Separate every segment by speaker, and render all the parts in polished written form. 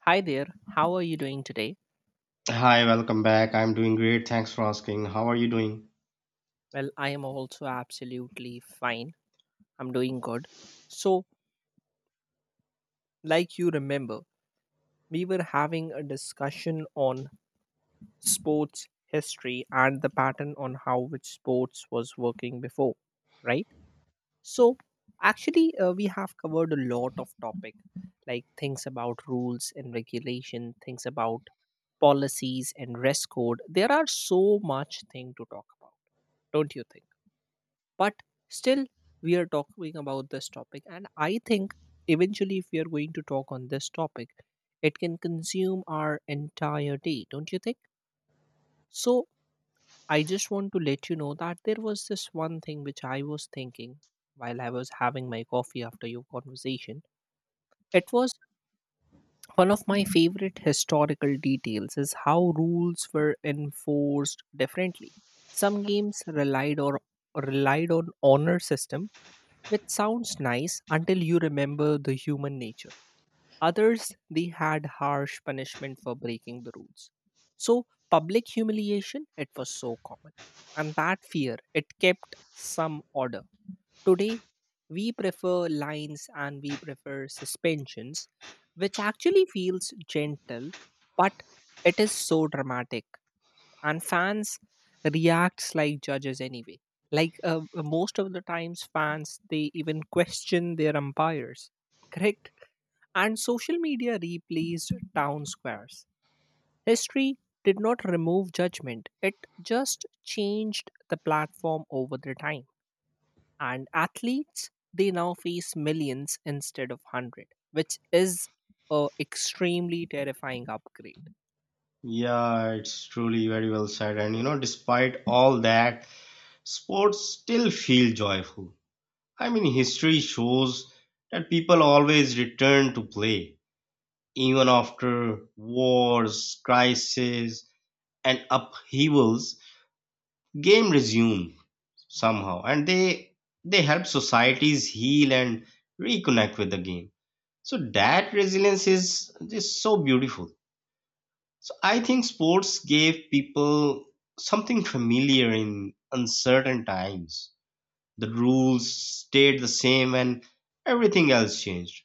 Speaker 1: Hi there, how are you doing today?
Speaker 2: Hi, welcome back. I'm doing great. Thanks for asking. How are you doing?
Speaker 1: Well, I am also absolutely fine. I'm doing good. So, like you remember, we were having a discussion on sports history and the pattern on how which sports was working before, right? So, actually, we have covered a lot of topic, like things about rules and regulation, things about policies and rest code. There are so much thing to talk about, don't you think? But still we are talking about this topic, and I think eventually if we are going to talk on this topic it can consume our entire day, don't you think? So I just want to let you know that there was this one thing which I was thinking while I was having my coffee after your conversation. It was one of my favorite historical details is how rules were enforced differently. Some games relied or relied on honor system, which sounds nice until you remember the human nature. Others, they had harsh punishment for breaking the rules. So, public humiliation, it was so common. And that fear, it kept some order. Today, we prefer lines and we prefer suspensions, which actually feels gentle, but it is so dramatic and fans reacts like judges anyway. Like most of the times fans they even question their umpires, correct? And social media replaced town squares. History did not remove judgment, it just changed the platform over the time. And athletes they now face millions instead of 100, which is a extremely terrifying upgrade.
Speaker 2: Yeah, it's truly very well said. And you know, despite all that, sports still feel joyful. I mean, history shows that people always return to play, even after wars, crises, and upheavals. Game resume somehow, and they help societies heal and reconnect with the game. So that resilience is just so beautiful. So I think sports gave people something familiar in uncertain times. The rules stayed the same and everything else changed.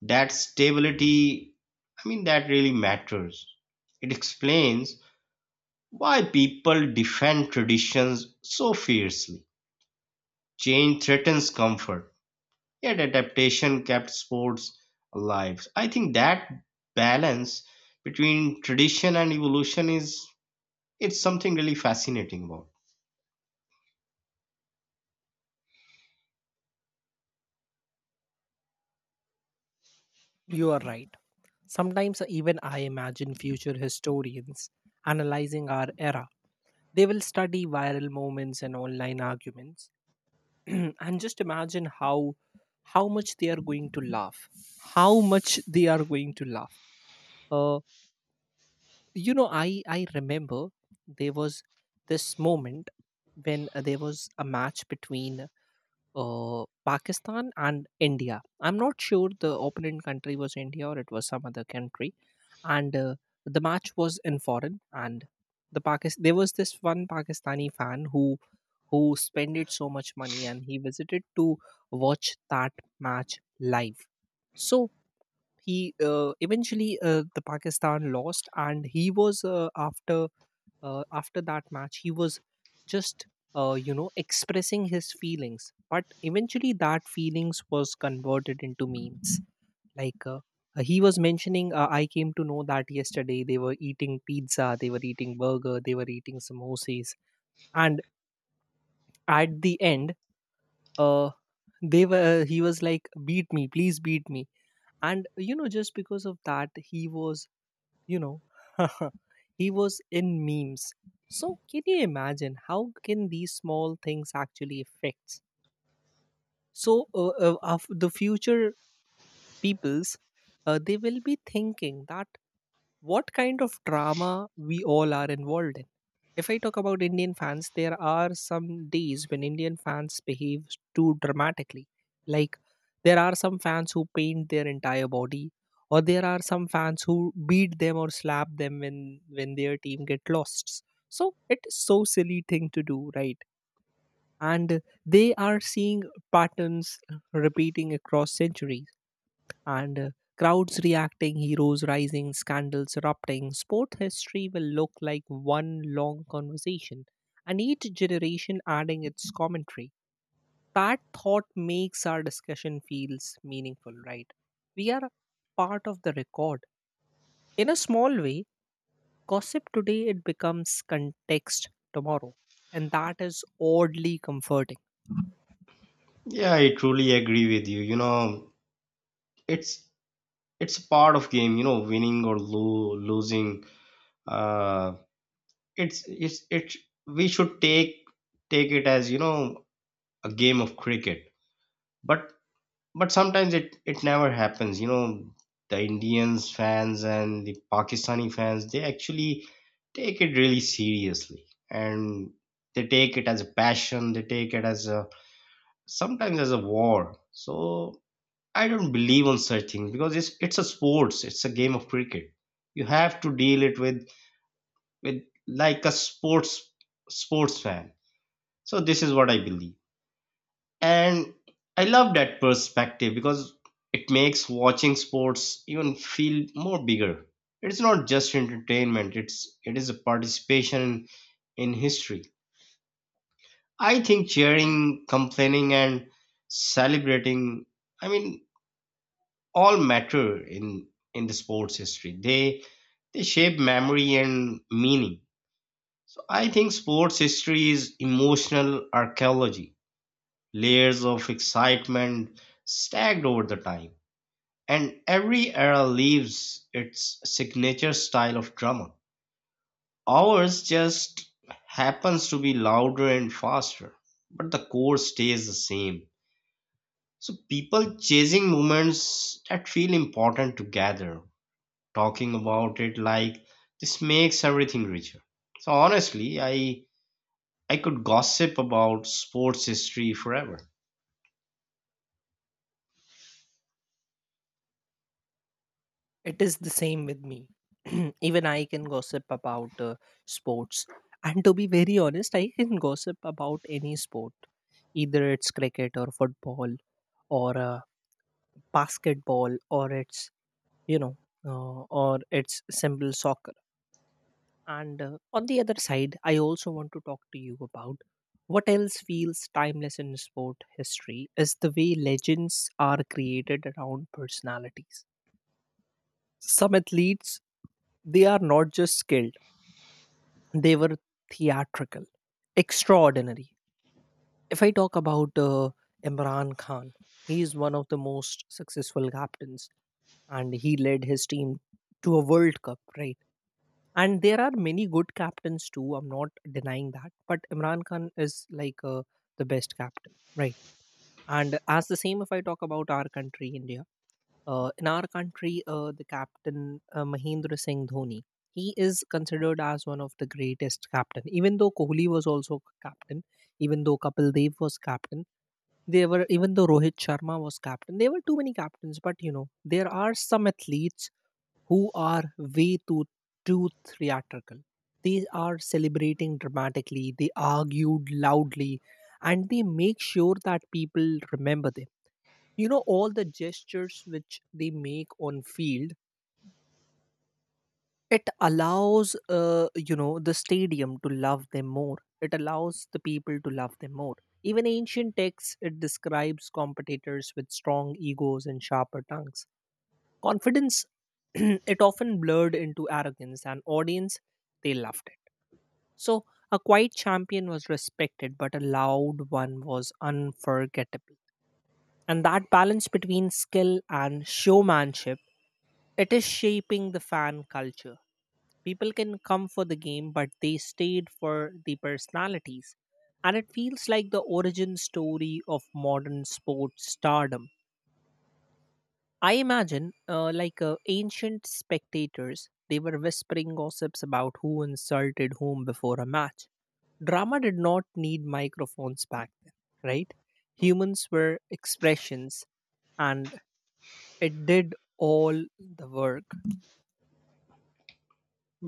Speaker 2: That stability, I mean, that really matters. It explains why people defend traditions so fiercely. Change threatens comfort, yet adaptation kept sports alive. I think that balance between tradition and evolution is it's something really fascinating about.
Speaker 1: You are right. Sometimes even I imagine future historians analyzing our era. They will study viral moments and online arguments and just imagine how much they are going to laugh. How much they are going to laugh. Uh, I remember there was this moment when there was a match between Pakistan and India. I'm not sure the opponent country was India or it was some other country, and the match was in foreign. And the Pakistan there was this one Pakistani fan who spended so much money and he visited to watch that match live. So he eventually the Pakistan lost, and he was after after that match he was just, expressing his feelings, but eventually that feelings was converted into memes. Like he was mentioning, I came to know that yesterday they were eating pizza, they were eating burger, they were eating samosas, and at the end, uh, they were he was like, beat me, please beat me. And just because of that he was, you know he was in memes. So can you imagine how can these small things actually affect? So of the future peoples, they will be thinking that what kind of drama we all are involved in. If I talk about Indian fans, there are some days when Indian fans behave too dramatically. Like, there are some fans who paint their entire body, or there are some fans who beat them or slap them when their team get lost. So, it is so silly thing to do, right? And they are seeing patterns repeating across centuries, and crowds reacting, heroes rising, scandals erupting. Sport history will look like one long conversation, and each generation adding its commentary. That thought makes our discussion feels meaningful, right? We are a part of the record. In a small way, gossip today it becomes context tomorrow, and that is oddly comforting.
Speaker 2: Yeah, I truly agree with you. You know, it's a part of game, you know, winning or losing. Uh it's it's it, we should take it as, you know, a game of cricket. But but sometimes it it never happens, you know. The Indians fans and the Pakistani fans, they actually take it really seriously, and they take it as a passion, they take it as a sometimes as a war. So I don't believe on such things because it's a sports. It's a game of cricket. You have to deal it with like a sports fan. So this is what I believe, and I love that perspective because it makes watching sports even feel more bigger. It's not just entertainment. It is a participation in history. I think cheering, complaining, and celebrating. I mean, all matter in the sports history. They shape memory and meaning. So I think sports history is emotional archaeology, layers of excitement stacked over the time. And every era leaves its signature style of drama. Ours just happens to be louder and faster, but the core stays the same. So people chasing moments that feel important together talking about it like this makes everything richer. So honestly, I could gossip about sports history forever.
Speaker 1: It is the same with me. Even I can gossip about sports. And to be very honest, I can gossip about any sport, either it's cricket or football or basketball or it's, you know, or it's simple soccer. And on the other side, I also want to talk to you about what else feels timeless in sport history is the way legends are created around personalities. Some athletes, they are not just skilled. They were theatrical, extraordinary. If I talk about Imran Khan, he is one of the most successful captains and he led his team to a World Cup, right? And there are many good captains too. I'm not denying that. But Imran Khan is like the best captain, right? And as the same, if I talk about our country, India, in our country, the captain Mahendra Singh Dhoni, he is considered as one of the greatest captain. Even though Kohli was also captain, even though Kapil Dev was captain, they were even though Rohit Sharma was captain, there were too many captains. But you know, there are some athletes who are way too theatrical. They are celebrating dramatically. They argued loudly, and they make sure that people remember them. You know, all the gestures which they make on field, it allows, the stadium to love them more, it allows the people to love them more. Even ancient texts it describes competitors with strong egos and sharper tongues. Confidence, it often blurred into arrogance, and audience, they loved it. So a quiet champion was respected, but a loud one was unforgettable. And that balance between skill and showmanship, it is shaping the fan culture. People can come for the game, but they stayed for the personalities. And it feels like the origin story of modern sports stardom. I imagine, ancient spectators, they were whispering gossips about who insulted whom before a match. Drama did not need microphones back then, right? Humans were expressions, and it did all the work.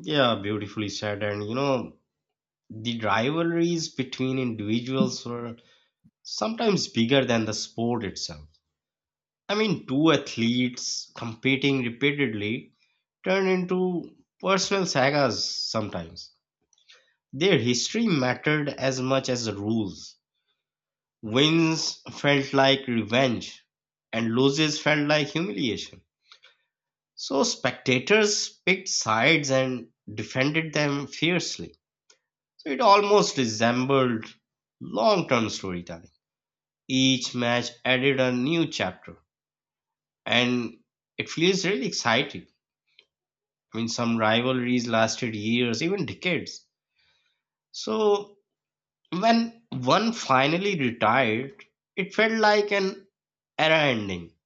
Speaker 2: Yeah, beautifully said. And you know, the rivalries between individuals were sometimes bigger than the sport itself. I mean, two athletes competing repeatedly turn into personal sagas sometimes. Their history mattered as much as the rules. Wins felt like revenge and losses felt like humiliation. So spectators picked sides and defended them fiercely. So it almost resembled long-term storytelling. Each match added a new chapter, and it feels really exciting. I mean, some rivalries lasted years, even decades. So when one finally retired, it felt like an era ending.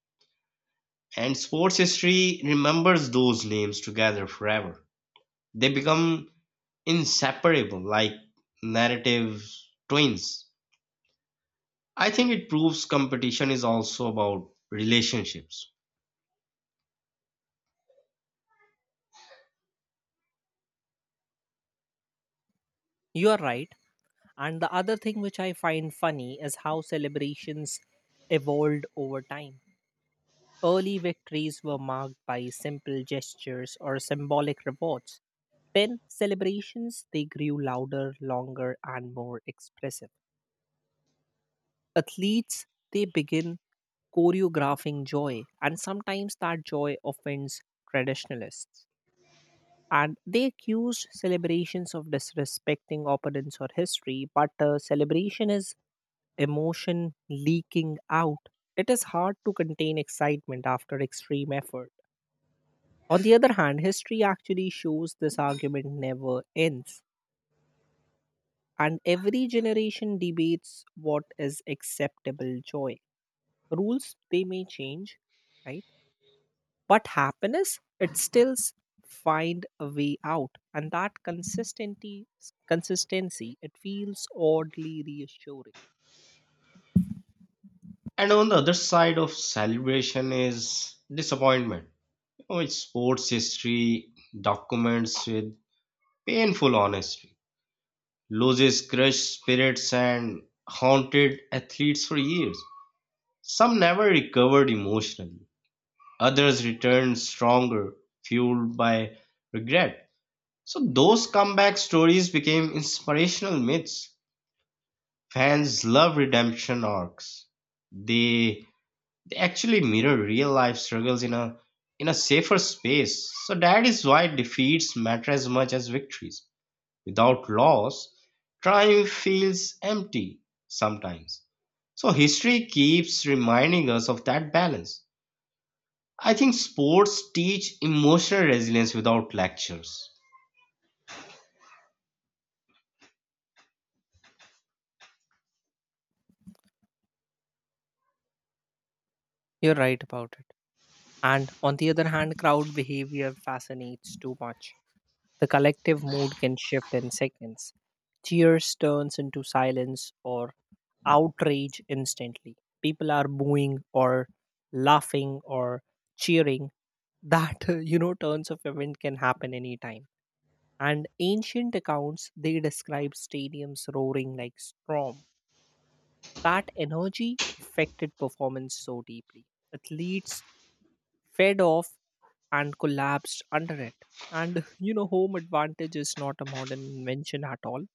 Speaker 2: And sports history remembers those names together forever. They become inseparable, like narrative twins. I think it proves competition is also about relationships.
Speaker 1: You are right. And the other thing which I find funny is how celebrations evolved over time. Early victories were marked by simple gestures or symbolic rewards. Then celebrations they grew louder, longer and more expressive. Athletes they begin choreographing joy, and sometimes that joy offends traditionalists. And they accused celebrations of disrespecting opponents or history, but celebration is emotion leaking out. It is hard to contain excitement after extreme effort. On the other hand, history actually shows this argument never ends, and every generation debates what is acceptable joy. Rules they may change, right? But happiness, it still find a way out. And that consistency, it feels oddly reassuring.
Speaker 2: And on the other side of celebration is disappointment. You know, it's sports history documents with painful honesty, loses crushed spirits and haunted athletes for years. Some never recovered emotionally. Others returned stronger, fueled by regret. So those comeback stories became inspirational myths. Fans love redemption arcs. They they actually mirror real life struggles in a safer space. So that is why defeats matter as much as victories. Without loss, triumph feels empty sometimes. So history keeps reminding us of that balance. I think sports teach emotional resilience without lectures.
Speaker 1: You're right about it. And on the other hand, crowd behavior fascinates too much. The collective mood can shift in seconds. Cheers turns into silence or outrage instantly. People are booing or laughing or cheering. That turns of event can happen anytime. And ancient accounts they describe stadiums roaring like storm. That energy affected performance so deeply. Athletes fed off and collapsed under it. And you know, home advantage is not a modern invention at all.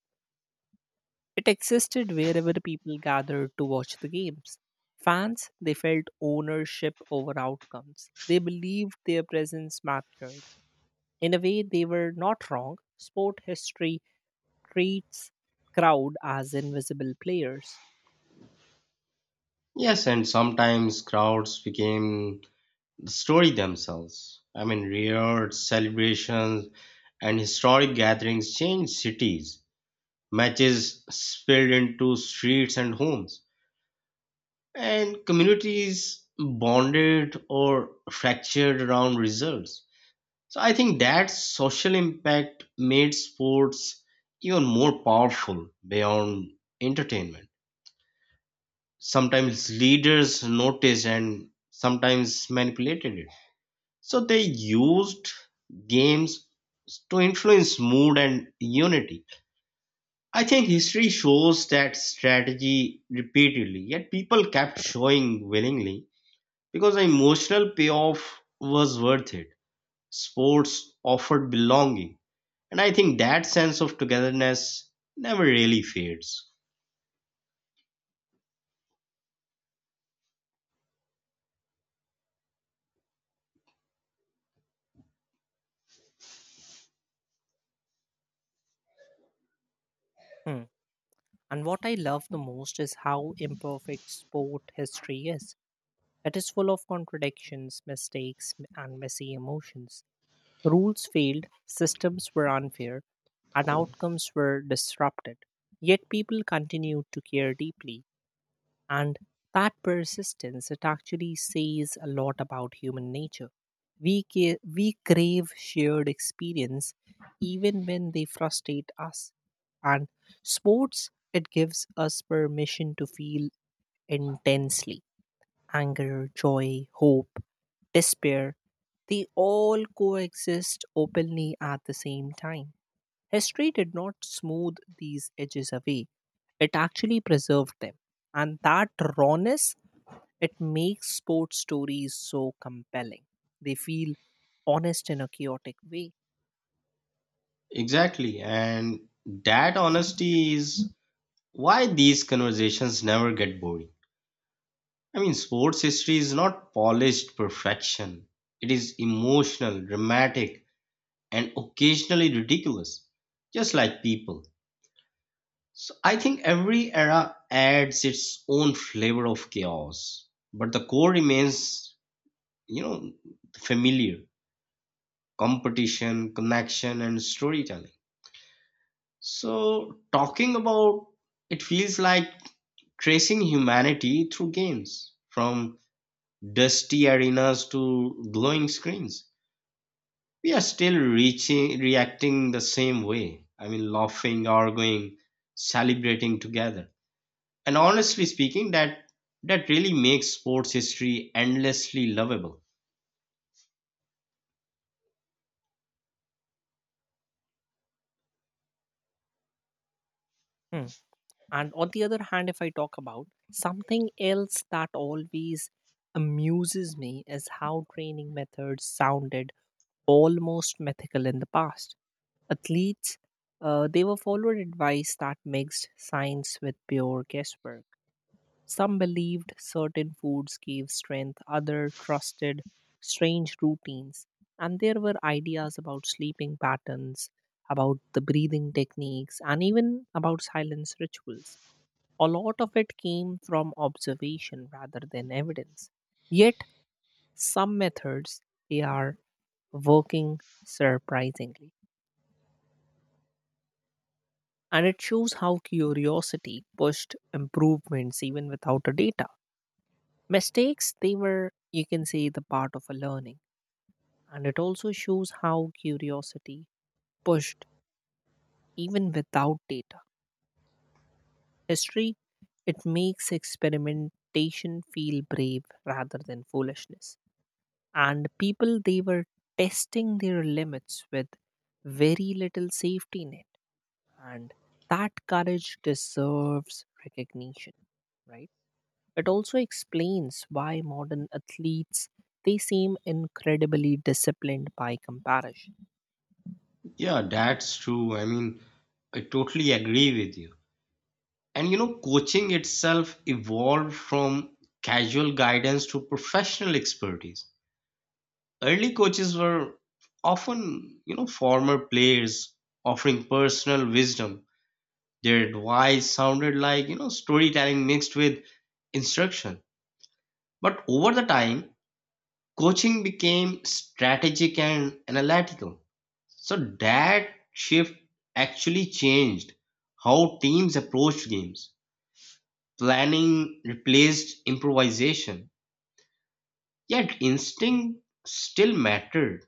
Speaker 1: It existed wherever people gathered to watch the games. Fans they felt ownership over outcomes, they believed their presence mattered. In a way they were not wrong. Sport history treats crowd as invisible players.
Speaker 2: Yes, and sometimes crowds became the story themselves. I mean, riots, celebrations, and historic gatherings changed cities. Matches spilled into streets and homes, and communities bonded or fractured around results. So I think that social impact made sports even more powerful beyond entertainment. Sometimes leaders noticed and sometimes manipulated it. So they used games to influence mood and unity. I think history shows that strategy repeatedly, yet people kept showing willingly because the emotional payoff was worth it. Sports offered belonging, and I think that sense of togetherness never really fades.
Speaker 1: Hmm. And what I love the most is how imperfect sport history is. It is full of contradictions, mistakes, and messy emotions. Rules failed, systems were unfair, and outcomes were disrupted. Yet people continued to care deeply, and that persistence it actually says a lot about human nature. We crave shared experience even when they frustrate us. And sports it gives us permission to feel intensely. Anger, joy, hope, despair, they all coexist openly at the same time. History did not smooth these edges away, it actually preserved them. And that rawness, it makes sports stories so compelling. They feel honest in a chaotic way.
Speaker 2: Exactly, and that honesty is why these conversations never get boring. I mean, sports history is not polished perfection. It is emotional, dramatic, and occasionally ridiculous, just like people. So I think every era adds its own flavor of chaos, but the core remains, you know, familiar competition, connection, and storytelling. So, talking about it feels like tracing humanity through games from dusty arenas to glowing screens, we are still reaching reacting the same way. I mean, laughing, arguing, celebrating together, and honestly speaking, that that really makes sports history endlessly lovable.
Speaker 1: Hmm. And on the other hand, if I talk about something else that always amuses me is how training methods sounded almost mythical in the past. Athletes, they were followed advice that mixed science with pure guesswork. Some believed certain foods gave strength, others trusted strange routines. And there were ideas about sleeping patterns, about the breathing techniques, and even about silence rituals. A lot of it came from observation rather than evidence. Yet, some methods they are working surprisingly. And it shows how curiosity pushed improvements even without a data. Mistakes they were, you can say, the part of a learning. And it also shows how curiosity pushed even without data. History, it makes experimentation feel brave rather than foolishness. And people they were testing their limits with very little safety net, and that courage deserves recognition, right? It also explains why modern athletes they seem incredibly disciplined by comparison.
Speaker 2: Yeah, that's true. I mean, I totally agree with you. And you know, coaching itself evolved from casual guidance to professional expertise. Early coaches were often, you know, former players offering personal wisdom. Their advice sounded like, you know, storytelling mixed with instruction. But over the time, coaching became strategic and analytical. So that shift actually changed how teams approached games. Planning replaced improvisation. Yet instinct still mattered.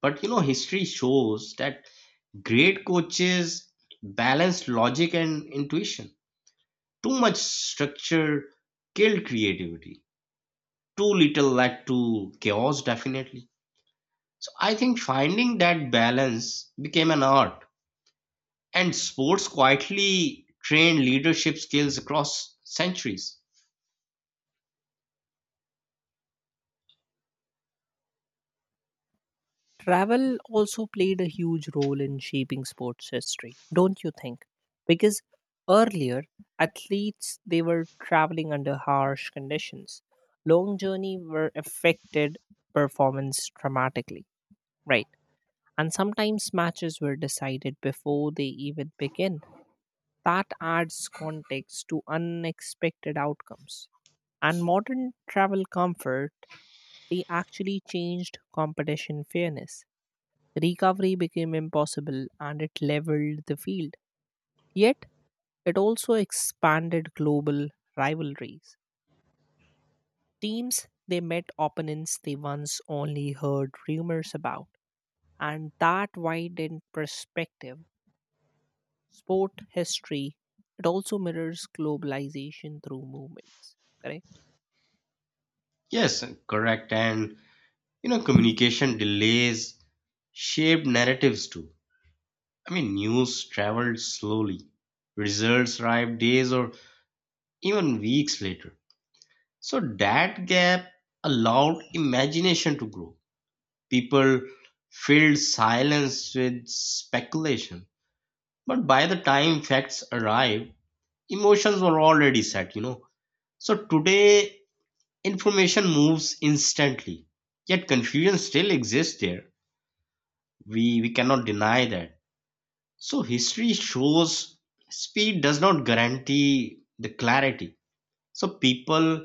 Speaker 2: But you know, history shows that great coaches balance logic and intuition. Too much structure killed creativity. Too little led to chaos, definitely. So I think finding that balance became an art, and sports quietly trained leadership skills across centuries.
Speaker 1: Travel also played a huge role in shaping sports history, don't you think? Because earlier athletes they were traveling under harsh conditions. Long journey were affected performance dramatically, right? And sometimes matches were decided before they even begin. That adds context to unexpected outcomes. And modern travel comfort, they actually changed competition fairness. Recovery became impossible and it leveled the field. Yet, it also expanded global rivalries. Teams they met opponents they once only heard rumors about, and that widened perspective. Sport history it also mirrors globalization through movements, correct?
Speaker 2: Yes, correct. And you know, communication delays shaped narratives too. I mean, news traveled slowly. Results arrived days or even weeks later. So that gap allowed imagination to grow. People filled silence with speculation. But by the time facts arrived, emotions were already set, you know. So today, information moves instantly, yet confusion still exists there. We cannot deny that. So history shows speed does not guarantee the clarity. So people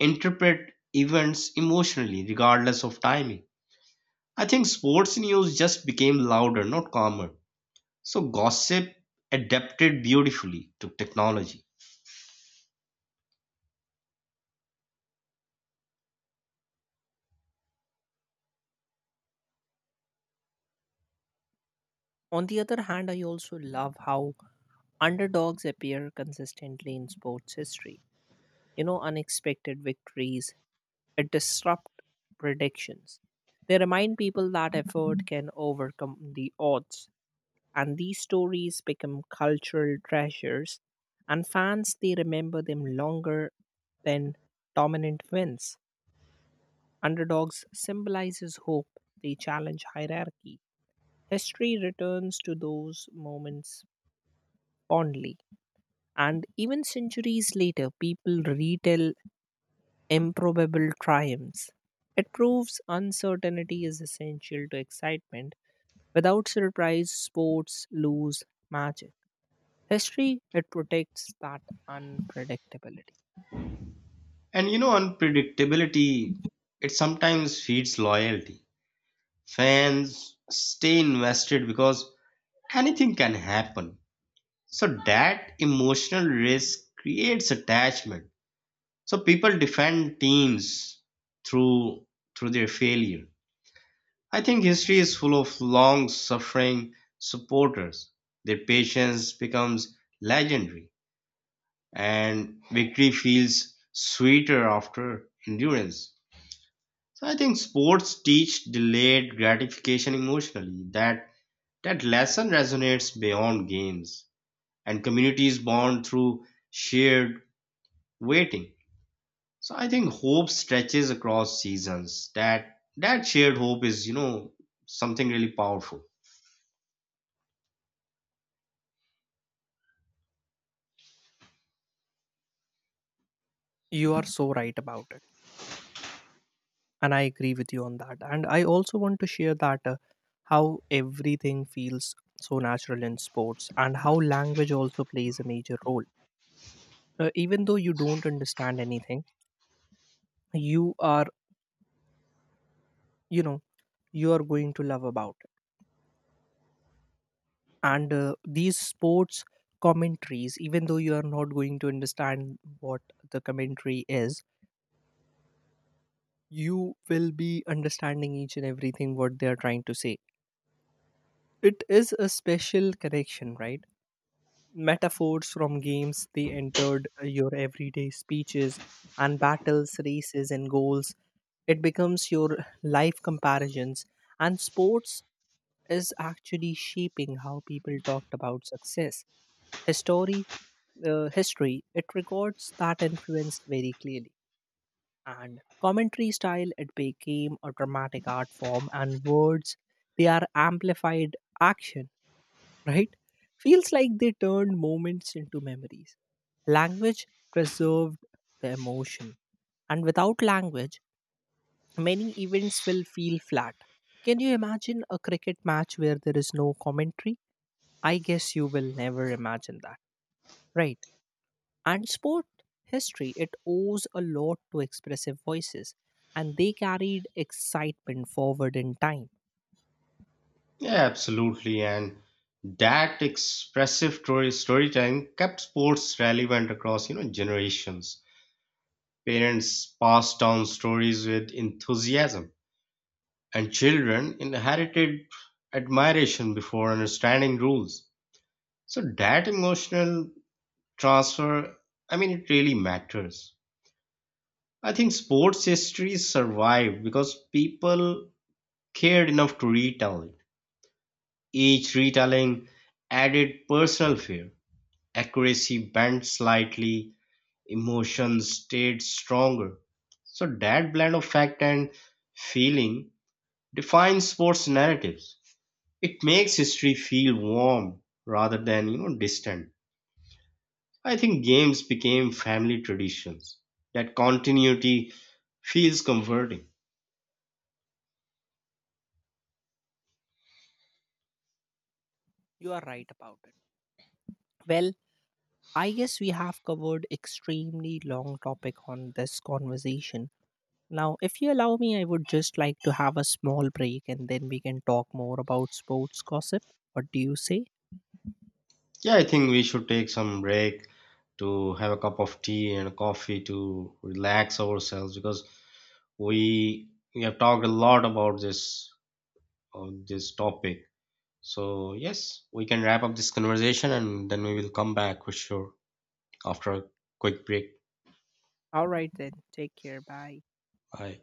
Speaker 2: interpret events emotionally, regardless of timing. I think sports news just became louder, not calmer. So gossip adapted beautifully to technology.
Speaker 1: On the other hand, I also love how underdogs appear consistently in sports history. You know, unexpected victories it disrupt predictions. They remind people that effort can overcome the odds, and these stories become cultural treasures. And fans they remember them longer than dominant wins. Underdogs symbolizes hope, they challenge hierarchy. History returns to those moments fondly. And even centuries later, people retell improbable triumphs. It proves uncertainty is essential to excitement. Without surprise, sports lose magic. History, it protects that unpredictability.
Speaker 2: And you know, unpredictability, it sometimes feeds loyalty. Fans stay invested because anything can happen. So that emotional risk creates attachment. So people defend teams through through their failure. I think history is full of long suffering supporters. Their patience becomes legendary and victory feels sweeter after endurance. So I think sports teach delayed gratification emotionally. That lesson resonates beyond games and communities bond through shared waiting. So I think hope stretches across seasons. That that shared hope is, you know, something really powerful.
Speaker 1: You are so right about it. And I agree with you on that. And I also want to share that how everything feels so natural in sports and how language also plays a major role. Even though you don't understand anything, you are, you know you are going to love about it. And these sports commentaries, even though you are not going to understand what the commentary is, you will be understanding each and everything what they are trying to say. It is a special connection, right? Metaphors from games they entered your everyday speeches, and battles, races, and goals. It becomes your life comparisons. And sports is actually shaping how people talked about success. History, history, it records that influence very clearly. And commentary style, it became a dramatic art form, and words, they are amplified action, right? Feels like they turned moments into memories. Language preserved the emotion, and without language, many events will feel flat. Can you imagine a cricket match where there is no commentary? I guess you will never imagine that, right? And sport history, it owes a lot to expressive voices, and they carried excitement forward in time.
Speaker 2: Yeah, absolutely. And that expressive storytelling kept sports relevant across, you know, generations. Parents passed down stories with enthusiasm, and children inherited admiration before understanding rules. So that emotional transfer, I mean, it really matters. I think sports history survived because people cared enough to retell it. Each retelling added personal flair, accuracy bent slightly, emotions stayed stronger. So that blend of fact and feeling defines sports narratives. It makes history feel warm rather than, you know, distant. I think games became family traditions. That continuity feels comforting.
Speaker 1: You are right about it. Well, I guess we have covered extremely long topic on this conversation. Now, if you allow me, I would just like to have a small break and then we can talk more about sports gossip. What do you say?
Speaker 2: Yeah, I think we should take some break to have a cup of tea and a coffee to relax ourselves because we we have talked a lot about this on this topic. So, yes, we can wrap up this conversation and then we will come back for sure after a quick break.
Speaker 1: All right, then. Take care. Bye.
Speaker 2: Bye.